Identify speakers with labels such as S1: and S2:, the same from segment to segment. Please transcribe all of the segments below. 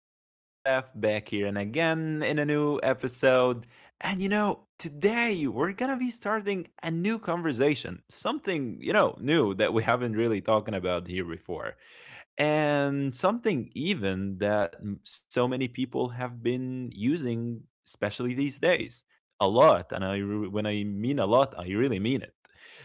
S1: This is Yusef back here, and again in a new episode. And today we're gonna be starting a new conversation, something new that we haven't really talking about here before, and something even that so many people have been using, especially these days, a lot. And when I mean a lot, I really mean it.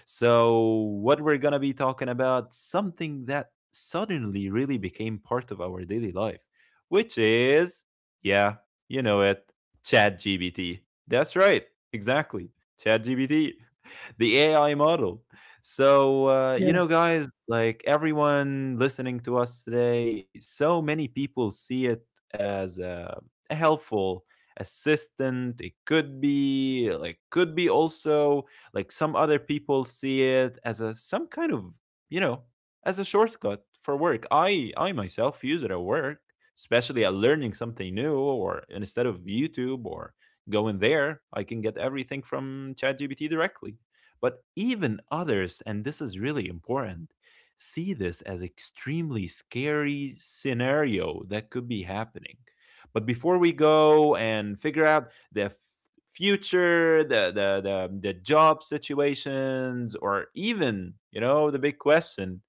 S1: So what we're going to be talking about something that suddenly really became part of our daily life, which is, yeah, you know it. Chat GBT. That's right. Exactly. Chat GBT. The AI model. So, you know,
S2: Yes.
S1: guys, like everyone listening to us today, so many people see it as a helpful assistant. It could be also, like, some other people see it as a some kind of, you know as a shortcut for work. I myself use it at work, especially at learning something new, or instead of YouTube or going there, I can get everything from ChatGPT directly. But even others, and this is really important, see this as extremely scary scenario that could be happening. But before we go and figure out the future, the job situations, or even the big question,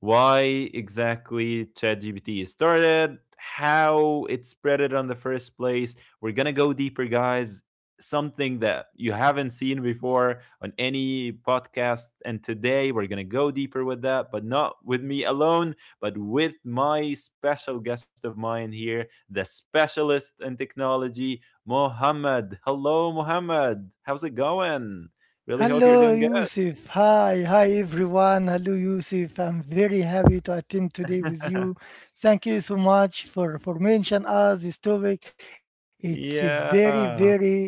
S1: why exactly ChatGPT is started, how it spread it on the first place. We're gonna go deeper, guys. Something that you haven't seen before on any podcast. And today we're gonna go deeper with that, but not with me alone, but with my special guest of mine here, the specialist in technology, Mohammed. Hello, Mohammed. How's it going? Really hope you're
S2: Hello,
S1: doing good.
S2: Yusuf. Hi, hi, everyone. Hello, Yusuf. I'm very happy to attend today with you. Thank you so much for mention us this topic. It's a very,
S1: Yeah.
S2: very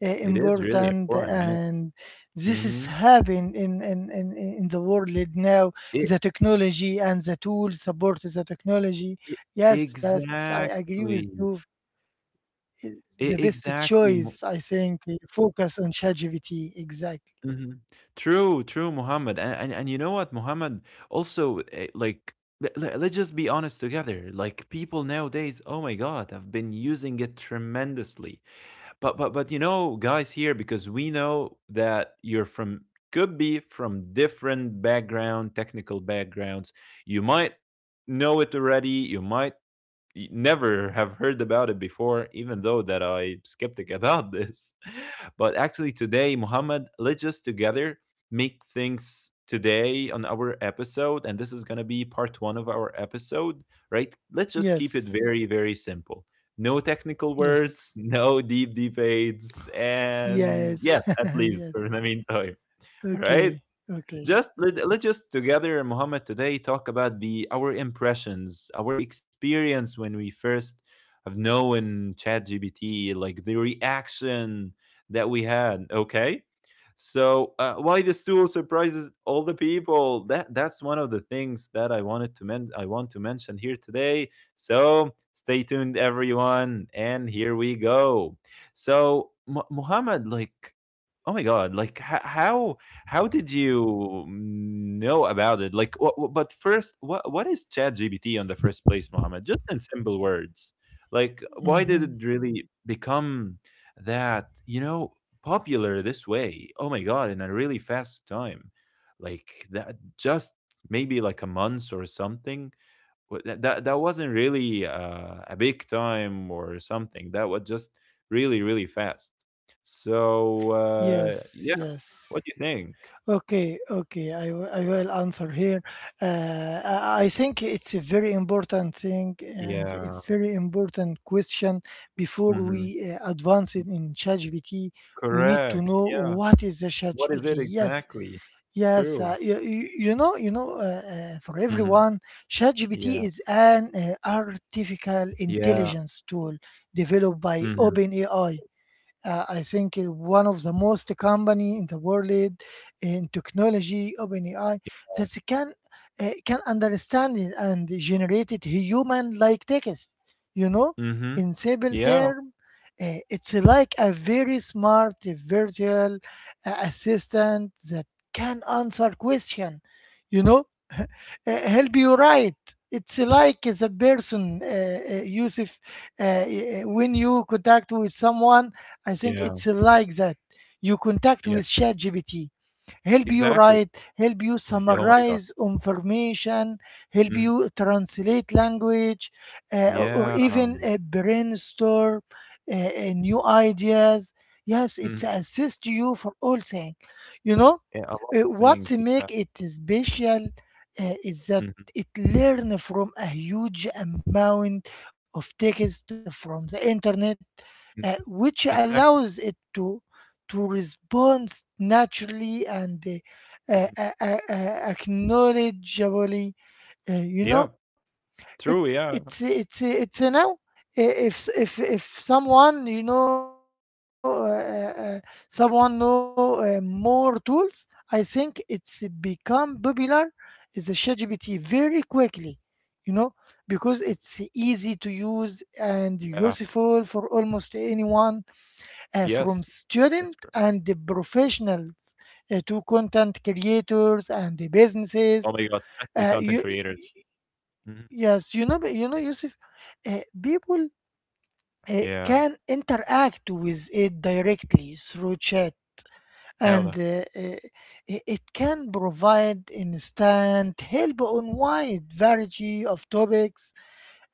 S1: It is really
S2: important,
S1: important, yeah.
S2: and this is
S1: Mhm.
S2: happening in the world now.
S1: It
S2: The technology and the tools support the technology.
S1: it
S2: Yes, yes, I agree with
S1: exactly.
S2: you.
S1: E
S2: The best
S1: exactly, Mu.
S2: choice, I think, focus on ChatGPT. Exactly.
S1: Mhm. True, true, Muhammad, and you know what, Muhammad? Also, like, let's just be honest together, like, people nowadays, oh my god, have been using it tremendously. But, you know, guys here, because we know that you're from could be from different background, technical backgrounds. You might know it already, you might never have heard about it before, even though that I'm skeptic about this. But actually, today, Muhammad, let's just together make things today on our episode, and this is gonna be part one of our episode, right? Let's just keep it
S2: Yes.
S1: very, very simple. No technical
S2: Yes.
S1: words, no deep debates, and
S2: Yes.
S1: yeah, at least
S2: Yes.
S1: for the meantime, right?
S2: Okay. Okay.
S1: Just let's just together, Muhammad, today talk about the our impressions, our experience when we first have known ChatGPT, like the reaction that we had. Okay. So, why this tool surprises all the people. That's one of the things that I want to mention here today. So stay tuned, everyone, and here we go. So Muhammad, like, oh my god, like, how did you know about it? Like, wha wha but first, what is ChatGPT on the first place, Mohammed? Just in simple words, like, why
S2: Mm-hmm.
S1: did it really become that you know popular this way? Oh my god, in a really fast time, like that, just maybe like a month or something. That wasn't really a big time or something. That was just really really fast. So,
S2: Yes.
S1: yeah,
S2: Yes.
S1: what do you think?
S2: Okay. Okay. I will answer here. I think it's a very important thing and a
S1: Yeah.
S2: very important question. Before we
S1: Mhm.
S2: advance it in ChatGPT, we need to
S1: Correct.
S2: know
S1: Yeah.
S2: what is the
S1: What is
S2: ChatGPT.
S1: it
S2: Yes.
S1: exactly?
S2: Yes,
S1: True.
S2: for
S1: Mhm.
S2: everyone, ChatGPT
S1: Yeah.
S2: is an artificial
S1: Yeah.
S2: intelligence tool developed by
S1: Mhm.
S2: OpenAI. I think it one of the most company in the world in technology, OpenAI,
S1: Yeah.
S2: that they can understand it and generate it human-like text. You know,
S1: Mhm.
S2: in simple
S1: Yeah.
S2: term, it's like a very smart virtual assistant that can answer question. You know, help you write. It's like the person, Yusuf, uh, uh, when you contact with someone, I think
S1: Yeah.
S2: it's like that. You contact
S1: Yeah.
S2: with ChatGPT, help you
S1: Exactly.
S2: write, help you
S1: Yeah, oh my god.
S2: summarize information, help
S1: Mhm.
S2: you translate language, or
S1: Yeah.
S2: even brainstorm new ideas. Yes, it's
S1: Mhm.
S2: assist you for all things. You know,
S1: Yeah, a lot of
S2: what
S1: things. Yeah.
S2: make it special is that
S1: Mhm.
S2: it learn from a huge amount of text from the internet,
S1: Mm.
S2: which
S1: Exactly.
S2: allows it to respond naturally and
S1: Mhm.
S2: acknowledgeably. uh, you
S1: Yeah.
S2: know, it
S1: True, yeah.
S2: it's I- if s- if someone someone know more tools. I think it's become popular, is the ChatGPT, very quickly, you know because it's
S1: Mhm.
S2: easy to use and
S1: Yeah.
S2: useful for almost anyone. From
S1: Yes.
S2: student
S1: That's
S2: and
S1: correct.
S2: the professionals, to content creators and the
S1: Oh
S2: businesses,
S1: my god, especially content
S2: you
S1: creators. Mhm.
S2: yes, Yusuf, people
S1: Yeah.
S2: can interact with it directly through chat,
S1: Hell
S2: and
S1: the.
S2: it can provide instant help on wide variety of topics.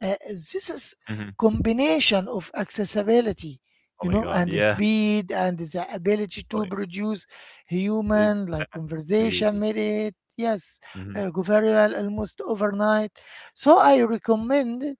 S2: This is
S1: Mhm.
S2: combination of accessibility,
S1: Oh
S2: you
S1: my
S2: know,
S1: god.
S2: and the
S1: Yeah.
S2: speed and the ability
S1: Oh,
S2: to produce human like conversation
S1: exactly.
S2: made it
S1: Mhm.
S2: go viral almost overnight. So I recommend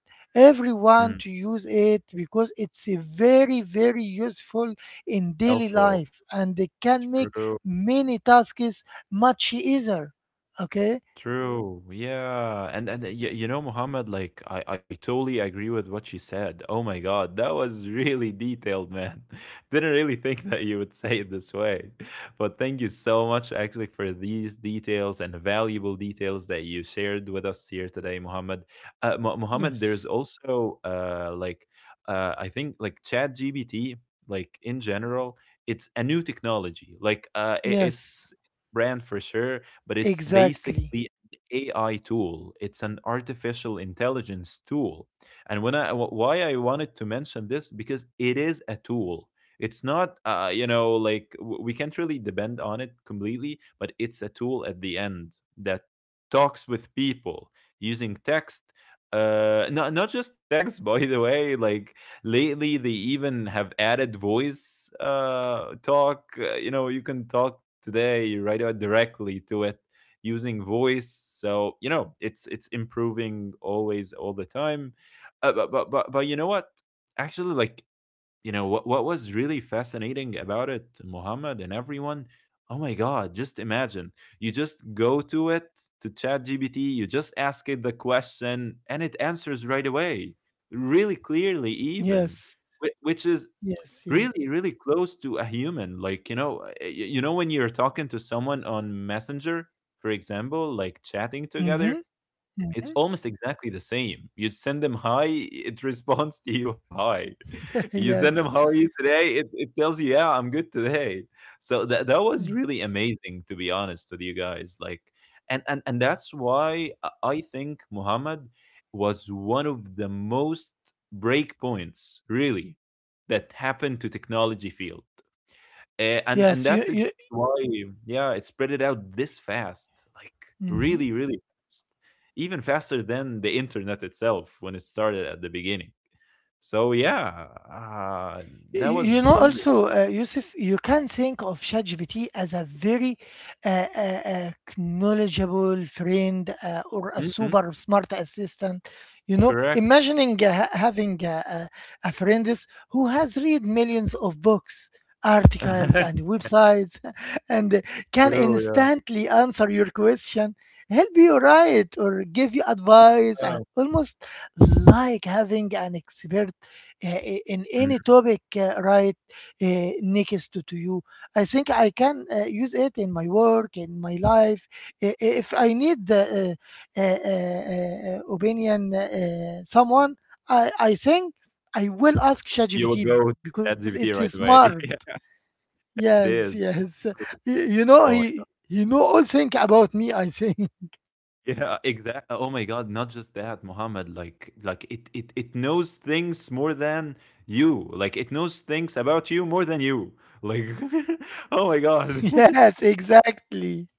S1: Mm,
S2: everyone to use it because it's a very very useful in daily
S1: helpful,
S2: life and they can make
S1: true.
S2: many tasks much easier. Okay.
S1: True. Yeah. And you know, Muhammad, like I totally agree with what you said. Oh my God, that was really detailed, man. Didn't really think that you would say it this way. But thank you so much actually for these details and valuable details that you shared with us here today, Muhammad. Muhammad, there's
S2: Yes.
S1: also like I think like Chat GBT, like in general, it's a new technology. Like
S2: Yes.
S1: it's brand for sure, but it's
S2: Exactly.
S1: basically an AI tool. It's an artificial intelligence tool. And when why I wanted to mention this, because it is a tool. It's not, like, we can't really depend on it completely, but it's a tool at the end that talks with people using text. Not just text, by the way. Like lately they even have added voice talk. You can talk today right out directly to it using voice, so it's improving always all the time. But, but you know what, actually, like, you know what, was really fascinating about it, Muhammad, and everyone, oh my god. Just imagine, you just go to it, to Chat GBT, you just ask it the question and it answers right away, really clearly, even.
S2: Yes.
S1: Which is
S2: Yes, yes.
S1: really really close to a human. Like, you know when you're talking to someone on messenger, for example, like chatting together,
S2: Mhm,
S1: it's
S2: mhm.
S1: almost exactly the same. You send them "Hi," it responds to you "Hi." You send them
S2: Yes.
S1: "How are you today?" It tells you, "Yeah, I'm good today." So that was
S2: Mm.
S1: really amazing, to be honest with you, guys. Like, and that's why I think Muhammad was one of the most breakpoints, really, that happened to technology field. And
S2: Yes, you
S1: that's
S2: you
S1: exactly why, yeah, it spread it out this fast, like
S2: mhm.
S1: really, really fast, even faster than the internet itself when it started at the beginning. So yeah, that
S2: Y- You know,
S1: was really...
S2: also, Yusuf, you can think of ChatGPT as a very uh, uh, uh, knowledgeable friend, or a
S1: Mhm,
S2: super smart assistant. You know,
S1: correct.
S2: imagining having a friend, who has read millions of books, articles, and websites, and can
S1: True, yeah.
S2: instantly answer your question, help you write, or give you advice,
S1: Yeah.
S2: almost like having an expert uh, in any
S1: Mhm.
S2: topic, right next to you. I think I can use it in my work, in my life. I- If I need the uh, uh, uh, opinion, someone, I think I will ask
S1: You will
S2: ChatGPT
S1: go to
S2: because it's
S1: ChatGPT right away.
S2: smart.
S1: Yeah, it
S2: Yes,
S1: is.
S2: yes.
S1: True.
S2: You know,
S1: Oh.
S2: he know all things about me. I think.
S1: Yeah, exactly. Oh my God! Not just that, Muhammad. Like, it knows things more than you. Like, it knows things about you more than you. Like, oh my God,
S2: Yes, exactly.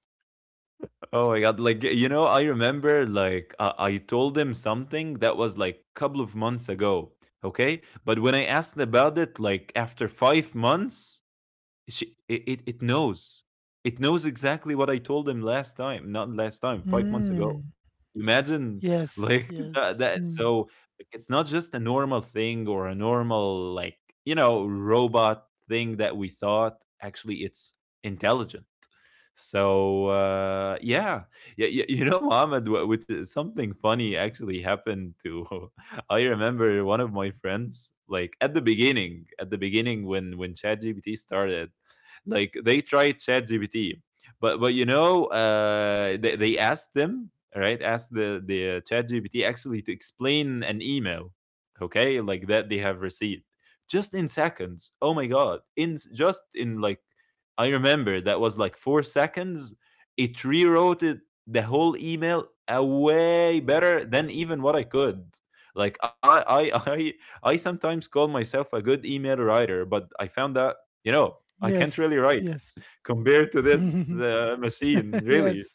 S1: oh my God. Like, you know, I remember, like, I told him something that was like a couple of months ago. Okay, but when I asked about it, like after 5 months, it knows. It knows exactly what I told him last time. Not last time, 5 months ago.
S2: Mm.
S1: Imagine,
S2: Yes,
S1: like,
S2: yes.
S1: that.
S2: Mm.
S1: So, like, it's not just a normal thing or a normal, like, you know, robot thing that we thought. Actually, it's intelligent. So yeah, yeah, you know, Mohammed, which is something funny actually happened to. I remember one of my friends, like at the beginning, when ChatGPT started, like they tried ChatGPT, but they asked them right, asked the ChatGPT actually to explain an email, okay, like that they have received just in seconds. Oh my god, just in like I remember that was like 4 seconds. It rewrote it, the whole email a way better than even what I could. Like I, I sometimes call myself a good email writer, but I found that, you know, I can't really
S2: Yes,
S1: write
S2: yes.
S1: compared to this machine, really.
S2: Yes,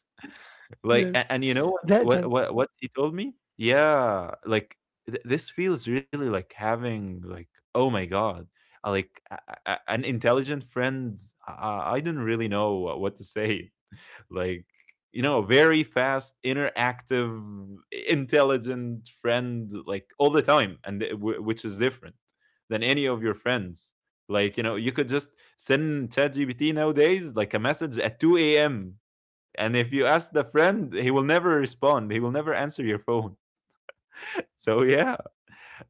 S2: yes.
S1: Like, a and you know
S2: That,
S1: what he told me? Yeah, like, "Th This feels really like having, like, oh my god, like, a an intelligent friend." I don't really know what to say. Like, you know, a very fast, interactive, intelligent friend, like, all the time, and it which is different than any of your friends. Like, you know, you could just send ChatGPT nowadays, like, a message at 2 a.m., and if you ask the friend, he will never respond, he will never answer your phone. So yeah,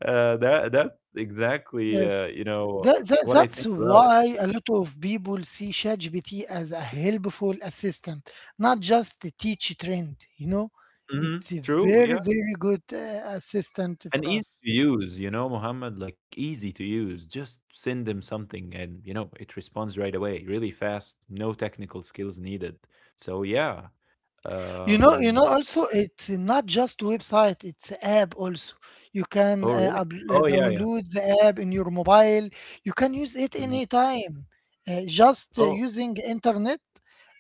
S1: that exactly,
S2: yes.
S1: you know
S2: That, that
S1: what I think
S2: that's
S1: about it.
S2: why a lot of people see ChatGPT as a helpful assistant, not just a teach trend, you know.
S1: Hmm.
S2: It's a
S1: True,
S2: very,
S1: yeah.
S2: very good assistant
S1: And
S2: for
S1: easy
S2: us.
S1: to use, Muhammad, like easy to use, just send them something and, it responds right away, really fast. No technical skills needed. So yeah.
S2: You know, you know.
S1: um
S2: Also, it's not just website; it's app also. You can
S1: oh really? Oh yeah, yeah.
S2: download the app in your mobile. You can use it
S1: Mhm.
S2: anytime, just
S1: Oh
S2: using internet,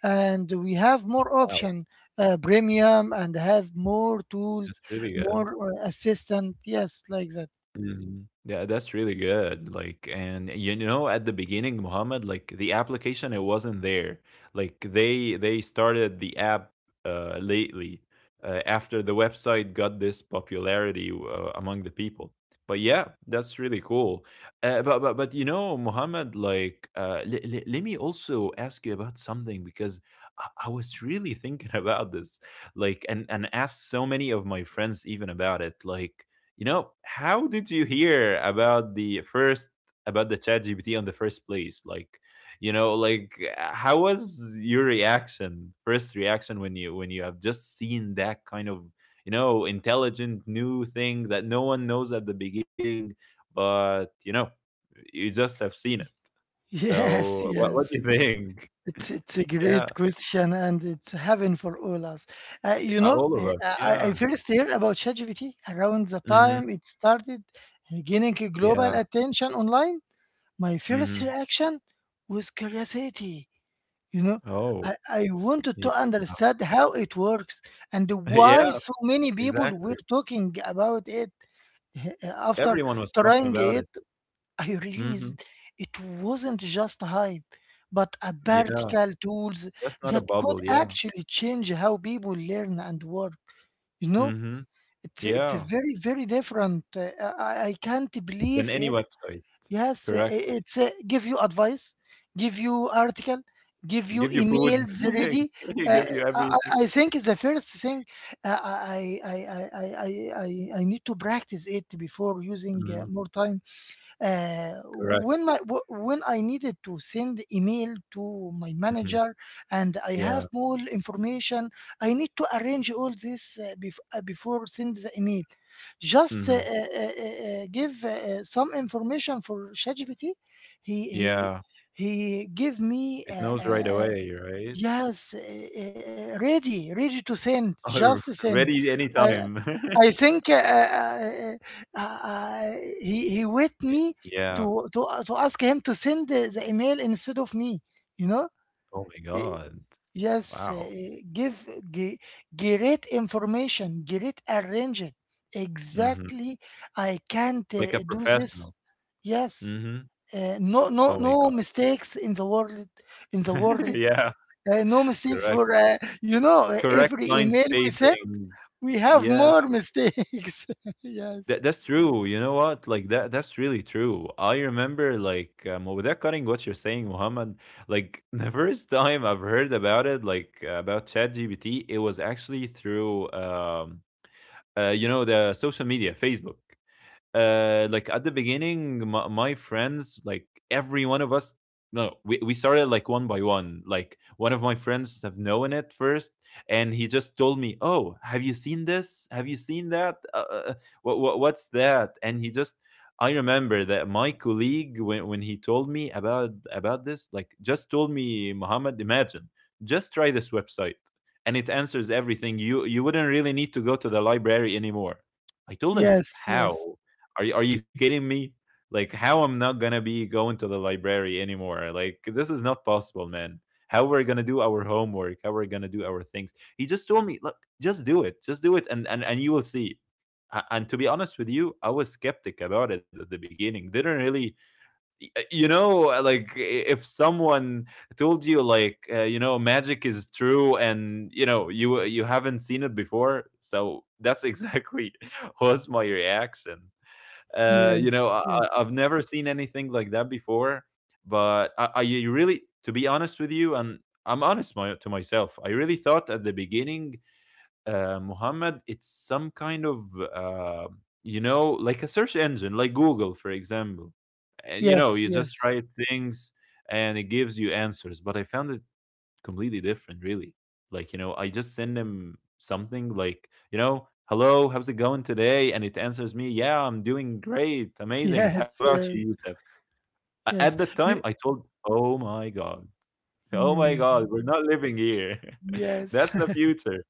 S2: and we have more
S1: wow,
S2: option, premium, and have more
S1: that's
S2: tools,
S1: really good.
S2: more assistant. Yes, like that.
S1: Mhm. Yeah, that's really good. Like, and you know, at the beginning, Muhammad, like the application, it wasn't there. Like they started the app lately, after the website got this popularity among the people. But yeah, that's really cool. But you know, Muhammad, like, let me also ask you about something, because I was really thinking about this, like, and asked so many of my friends even about it, like, you know, how did you hear about the first, about the Chat GPT on the first place? How was your reaction, first reaction when you have just seen that kind of intelligent new thing that no one knows at the beginning, but you just have seen it.
S2: Yes,
S1: So what do
S2: yes.
S1: you think?
S2: It's a great
S1: Yeah,
S2: question, and it's heaven for all us. Uh,
S1: eh,
S2: you know,
S1: All of us.
S2: uh, I
S1: Yeah.
S2: first heard about ChatGPT around the
S1: Hmm.
S2: time it started, gaining
S1: Yeah.
S2: global attention online. My
S1: Hmm.
S2: first reaction was curiosity. You know,
S1: Oh.
S2: I wanted
S1: Yeah.
S2: to understand how it works and why
S1: Yeah.
S2: so many people
S1: Exactly.
S2: were talking about it. Uh, After
S1: Everyone was talking
S2: trying
S1: about it.
S2: it, I
S1: Hmm.
S2: realized it wasn't just hype, but a
S1: Yeah,
S2: practical tools
S1: that's not a
S2: that could
S1: bubble. Yeah.
S2: actually change how people learn and work. You know,
S1: Hmm.
S2: it's a
S1: Yeah.
S2: very very different. I can't believe
S1: Than any
S2: it.
S1: website.
S2: Yes,
S1: Correct.
S2: it's give you advice, give you article, give you
S1: Give you food.
S2: emails ready. Uh,
S1: Give you
S2: I, I
S1: everything.
S2: I think is the first thing. Uh, I, I I I I I I need to practice it before using
S1: Mhm.
S2: more time,
S1: Correct.
S2: when I needed to send email to my
S1: Hmm.
S2: manager and I have
S1: Yeah.
S2: more information. I need to arrange all this before send the email. Just
S1: Hmm.
S2: give some information for ChatGPT. He he
S1: Yeah.
S2: he give me
S1: It knows
S2: uh,
S1: right
S2: uh,
S1: away, right?
S2: yes, ready to send. Just send.
S1: Ready
S2: I
S1: anytime.
S2: I think, uh, uh, he wait me
S1: Yeah.
S2: to ask him to send the email instead of me. You know.
S1: Oh my
S2: Eh,
S1: God.
S2: yes,
S1: Wow.
S2: give ge- great information, great arranging.
S1: Hmm.
S2: Exactly, I can't
S1: Like a
S2: do this.
S1: professional.
S2: Yes,
S1: Hmm.
S2: no,
S1: Oh
S2: no,
S1: my
S2: no
S1: God.
S2: mistakes in the world, in the world,
S1: Yeah.
S2: no mistakes
S1: Correct.
S2: for, you know,
S1: Correct
S2: every
S1: line
S2: email we send,
S1: spacing.
S2: we have
S1: Yeah.
S2: more mistakes.
S1: That
S2: Yes,
S1: that's true. You know what? That's really true. I remember like well, without cutting what you're saying, Muhammad. Like the first time I've heard about it, about ChatGPT, it was actually through the social media, Facebook. Like at the beginning my friends, like every one of us. No we, we started like one by one. Like one of my friends have known it first, and he just told me, oh, have you seen this, have you seen that, what's that? And he just, I remember that my colleague, when he told me about this, like, just told me, Muhammad, imagine, just try this website and it answers everything. You wouldn't really need to go to the library anymore. I told him,
S2: yes, yes,
S1: how? Are you kidding me? Like, how I'm not gonna be going to the library anymore? Like, this is not possible, man. How we're gonna do our homework? How we're gonna do our things? He just told me, look, just do it, and you will see. And to be honest with you, I was skeptic about it at the beginning. Didn't really, y- uh, you know, uh, like i- if someone told you like, magic is true, and you haven't seen it before, so that's exactly was my reaction.
S2: yes, yes,
S1: I've never seen anything like that before. But I you really, to be honest with you, and I'm honest to myself, I really thought at the beginning, Muhammad, it's some kind of, uh, like a search engine, like Google, for example. And, you know, you
S2: yes,
S1: just write
S2: yes,
S1: things and it gives you answers. But I found it completely different, really. Like, you know, I just send him something like, you know, hello, how's it going today? And it answers me, yeah, I'm doing great, amazing. How
S2: yes,
S1: about you,
S2: yes,
S1: Yusuf? At the
S2: yes,
S1: time, I
S2: you,
S1: told, oh my God,
S2: mm,
S1: we're not living here.
S2: yes.
S1: That's the future.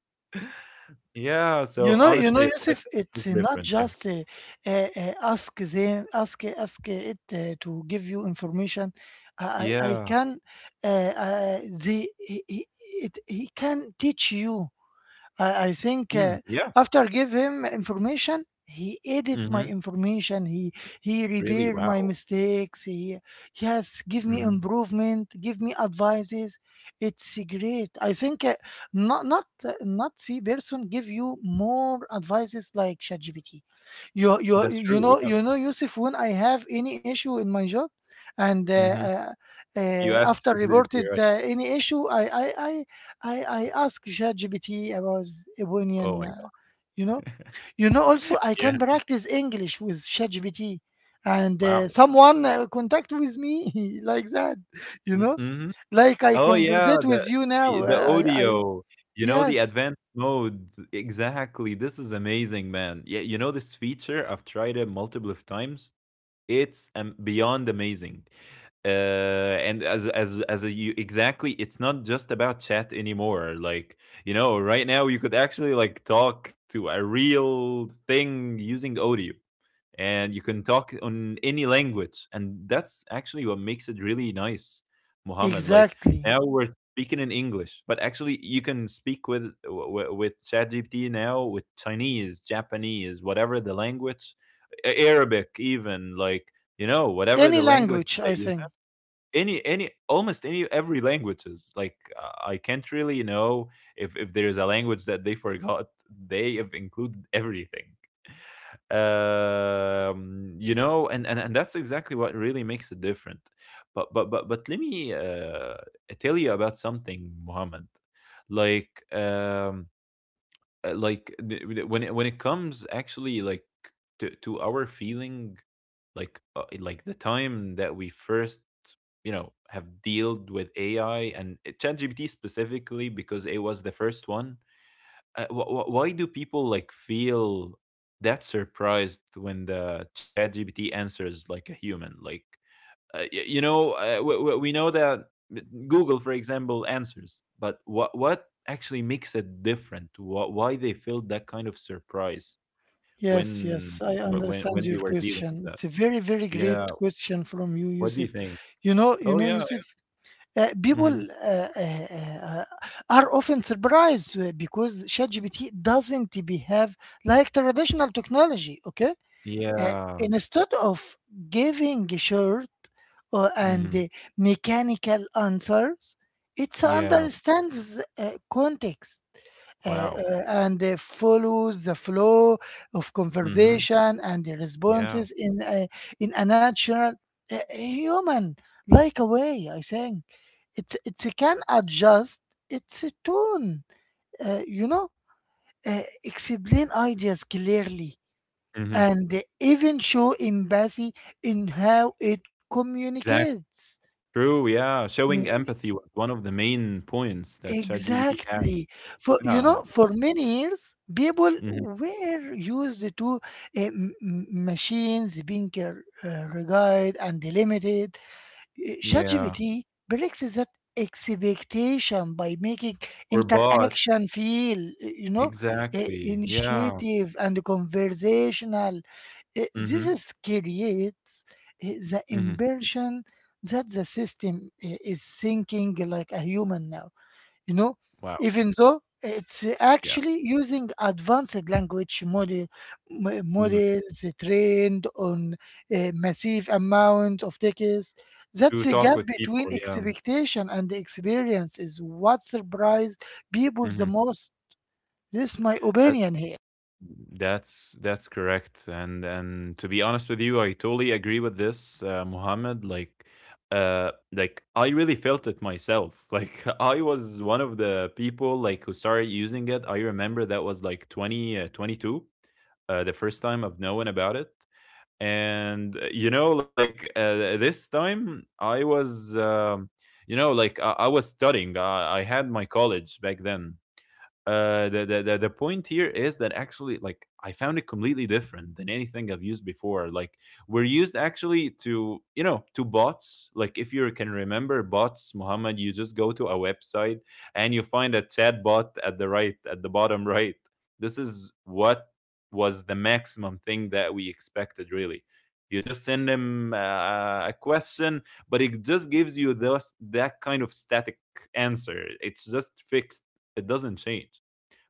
S1: Yeah.
S2: you
S1: So
S2: know you know
S1: honestly,
S2: Yusuf,
S1: it's
S2: it's not
S1: different. Yeah.
S2: just ask them ask ask it, to give you information. I I
S1: Yeah.
S2: can, the he- it, he can teach you. I think,
S1: Mm, yeah.
S2: after give him information, he edit my
S1: Hmm.
S2: information. He
S1: Really?
S2: repair
S1: Wow.
S2: my mistakes. He, yes, give me
S1: Hmm.
S2: improvement. Give me advices. It's great. I think, not the person give you more advices like ChatGPT. You you
S1: That's
S2: you
S1: true.
S2: know
S1: Yeah.
S2: you know Yusuf, when I have any issue in my job, and
S1: Hmm. You asked
S2: after reported
S1: ChatGPT, right?
S2: any issue, I ask ChatGPT about Ebonian,
S1: Oh my God.
S2: you know, you know. Also, I can
S1: Yeah.
S2: practice English with ChatGPT, and
S1: Wow.
S2: someone contact with me like that, you know,
S1: Mm-hmm.
S2: like I
S1: Oh yeah,
S2: conversate with
S1: the
S2: you now.
S1: the the
S2: I,
S1: audio, you know, the
S2: yes,
S1: advanced mode. Exactly. This is amazing, man. Yeah, you know this feature, I've tried it multiple of times. It's beyond amazing. And you exactly, it's not just about chat anymore. Like, you know, right now you could actually like talk to a real thing using audio, and you can talk on any language, and that's actually what makes it really nice, Mohammed. Like
S2: exactly.
S1: now we're speaking in English, but actually you can speak with with ChatGPT now, with Chinese, Japanese, whatever the language. Arabic even. Like, you know, whatever the
S2: Any
S1: language
S2: language,
S1: that
S2: I
S1: you have,
S2: think.
S1: any almost any every languages. Like, I can't really know if there is a language that they forgot. They have included everything. And that's exactly what really makes it different. But let me tell you about something, Muhammad. like um like the- when when it comes actually like to our feeling. Like, like the time that we first, you know, have dealt with AI and, ChatGPT specifically, because it was the first one. Why do people like feel that surprised when the chat gpt answers like a human? Like, we know that Google, for example, answers. But what actually makes it different? Why they feel that kind of surprise
S2: Yes, yes,
S1: when
S2: I
S1: wh- when
S2: understand
S1: when
S2: your
S1: they were dealing
S2: question.
S1: with that?
S2: It's a very, very
S1: Yeah.
S2: great question from you,
S1: What do you
S2: Yusuf.
S1: think? Oh
S2: You know,
S1: yeah.
S2: Yusuf. People
S1: Hmm.
S2: uh, are often surprised because ChatGPT doesn't behave like traditional technology. Okay. Uh,
S1: Yeah.
S2: Instead of giving short, and
S1: Hmm.
S2: mechanical answers, it
S1: Yeah.
S2: understands, context, uh,
S1: Wow.
S2: and follows the flow of
S1: Hmm.
S2: conversation and the
S1: Yeah.
S2: responses in a natural, human like a way. I think it can adjust its tone, you know, explain ideas clearly,
S1: Hmm.
S2: and even show empathy in how it communicates.
S1: True, yeah, showing empathy was one of the main points that ChatGPT had.
S2: Exactly. For, you know,
S1: Yeah,
S2: for many years, people
S1: mhm,
S2: were used to machines being regarded and limited.
S1: yeah,
S2: ChatGPT breaks that expectation by making
S1: or bots,
S2: interaction feel,
S1: exactly. Yeah.
S2: initiative and conversational. This
S1: Hmm.
S2: is creates uh, the
S1: Hmm.
S2: impression that the system is thinking like a human now, you know,
S1: Wow,
S2: even though it's
S1: yeah,
S2: actually using advanced language model,
S1: hmm,
S2: models trained on a massive amount of text.
S1: to
S2: That's the
S1: talk
S2: gap
S1: with people.
S2: between
S1: Yeah.
S2: expectation and experience is what surprised people the
S1: Hmm.
S2: most. This is my
S1: That,
S2: opinion here.
S1: that's correct. And to be honest with you, I totally agree with this, Muhammad. Like I really felt it myself. Like I was one of the people like who started using it. I remember that was like 20, 22 the first time of knowing about it. And this time I was, I was studying. I had my college back then. The, point here is that actually, like, I found it completely different than anything I've used before. Like, we're used actually to, you know, to bots. Like, if you can remember bots, Muhammad, you just go to a website and you find a chat bot at the right, at the bottom right. This is what was the maximum thing that we expected really. You just send him a question, but it just gives you those that kind of static answer. It's just fixed, it doesn't change.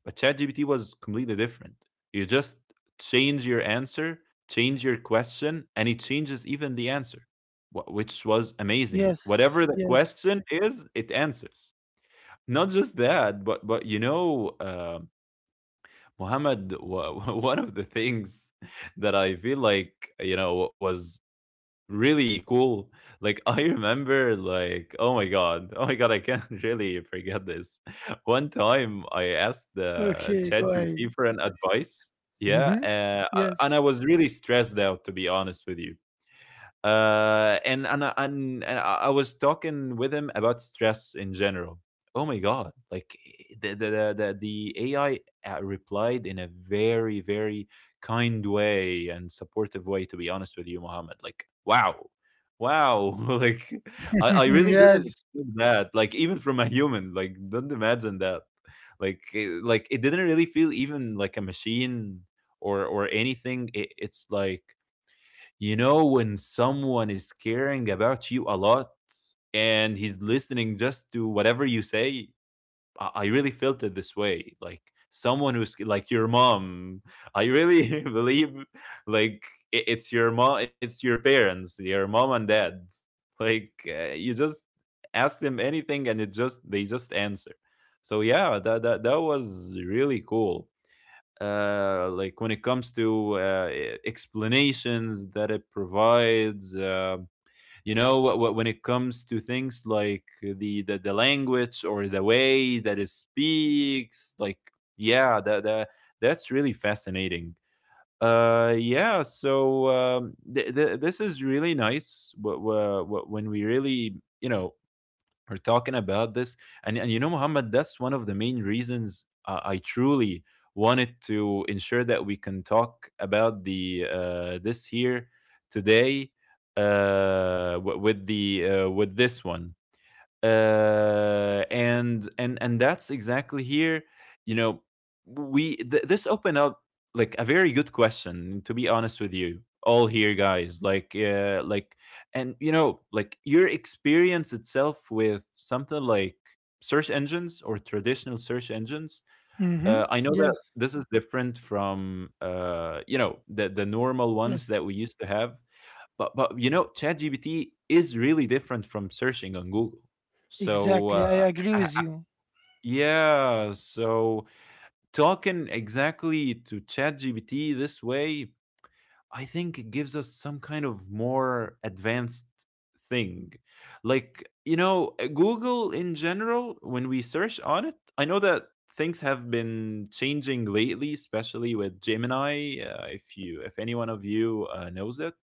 S1: But ChatGPT was completely different. You just change your answer, change your question, and it changes even the answer, which was amazing.
S2: Yes,
S1: Whatever the
S2: yes.
S1: question is, it answers. Not just that, but you know, Muhammad, one of the things that I feel like, you know, was really cool. Like I remember, like, oh my god. Oh my god, I can't really forget this. One time I asked the
S2: Okay, go ahead.
S1: ChatGPT for an advice. Yeah,
S2: Hmm. Yes.
S1: and I was really stressed out, to be honest with you. And I was talking with him about stress in general. Oh my god! Like, the AI replied in a very very kind way and supportive way. To be honest with you, Mohammed, like, wow, wow! Like, I really didn't
S2: Yes.
S1: expect that. Like, even from a human, like, don't imagine that. Like like it didn't really feel even like a machine or anything. It, it's like, you know, when someone is caring about you a lot and he's listening just to whatever you say, I really felt it this way. Like someone who's like your mom. I really believe like it's your mom, it's your parents, your mom and dad. Like, you just ask them anything and it just they just answer. So yeah, that was really cool. Like, when it comes to explanations that it provides, when it comes to things like the, language or the way that it speaks, like, yeah, that, that's really fascinating. This is really nice when we really, you know, are talking about this. And you know, Muhammad, that's one of the main reasons I truly wanted to ensure that we can talk about the this here today, with the, with this one. And that's exactly here, you know, this opened up like a very good question, to be honest with you all here, guys. And you know, like, your experience itself with something like search engines or traditional search engines.
S2: Hmm.
S1: I know that
S2: Yes,
S1: this is different from, you know, the normal ones
S2: yes,
S1: that we used to have. But you know, ChatGPT is really different from searching on Google. So,
S2: exactly. I agree
S1: I-
S2: with
S1: I-
S2: you.
S1: yeah, so talking exactly to ChatGPT this way, I think it gives us some kind of more advanced thing. Like, you know, Google in general, when we search on it, I know that things have been changing lately, especially with Gemini. If you, if any one of you knows it.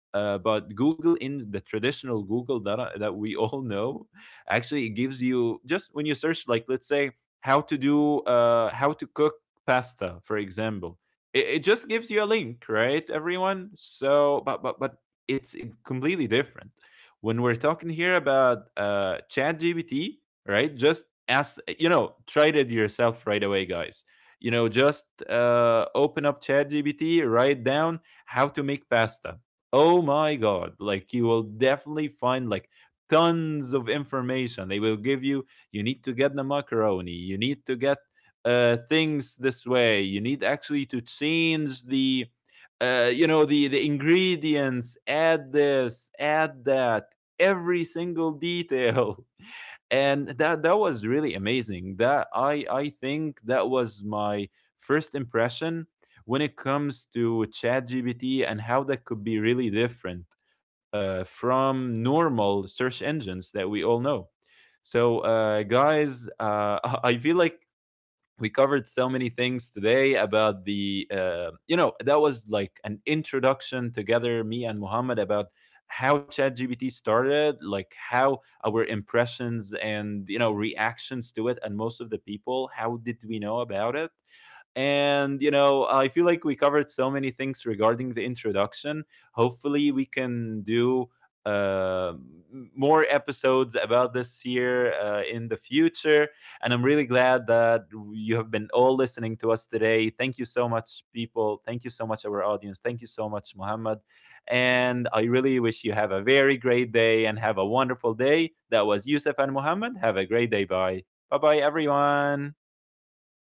S1: But Google, in the traditional Google that that we all know, actually it gives you just, when you search, like, let's say how to cook pasta, for example. It just gives you a link, right, everyone? So, but it's completely different when we're talking here about, Chat GPT, right? Just ask, you know, try it yourself right away, guys. You know, just open up Chat GPT, write down how to make pasta. Oh my god, like, you will definitely find like tons of information. They will give you, you need to get the macaroni, you need to get, things this way. You need actually to change the, the ingredients, add this, add that, every single detail. And that was really amazing. That I think that was my first impression when it comes to ChatGPT and how that could be really different, from normal search engines that we all know. So, guys, I feel like we covered so many things today about the, you know, that was like an introduction together, me and Muhammad, about how ChatGPT started, like how our impressions and, you know, reactions to it, and most of the people, how did we know about it? And, you know, I feel like we covered so many things regarding the introduction. Hopefully, we can do uh, more episodes about this here, in the future. And I'm really glad that you have been all listening to us today. Thank you so much, people. Thank you so much, our audience. Thank you so much, Muhammad. And I really wish you have a very great day and have a wonderful day. That was Yusuf and Muhammad. Have a great day. Bye. Bye bye, everyone.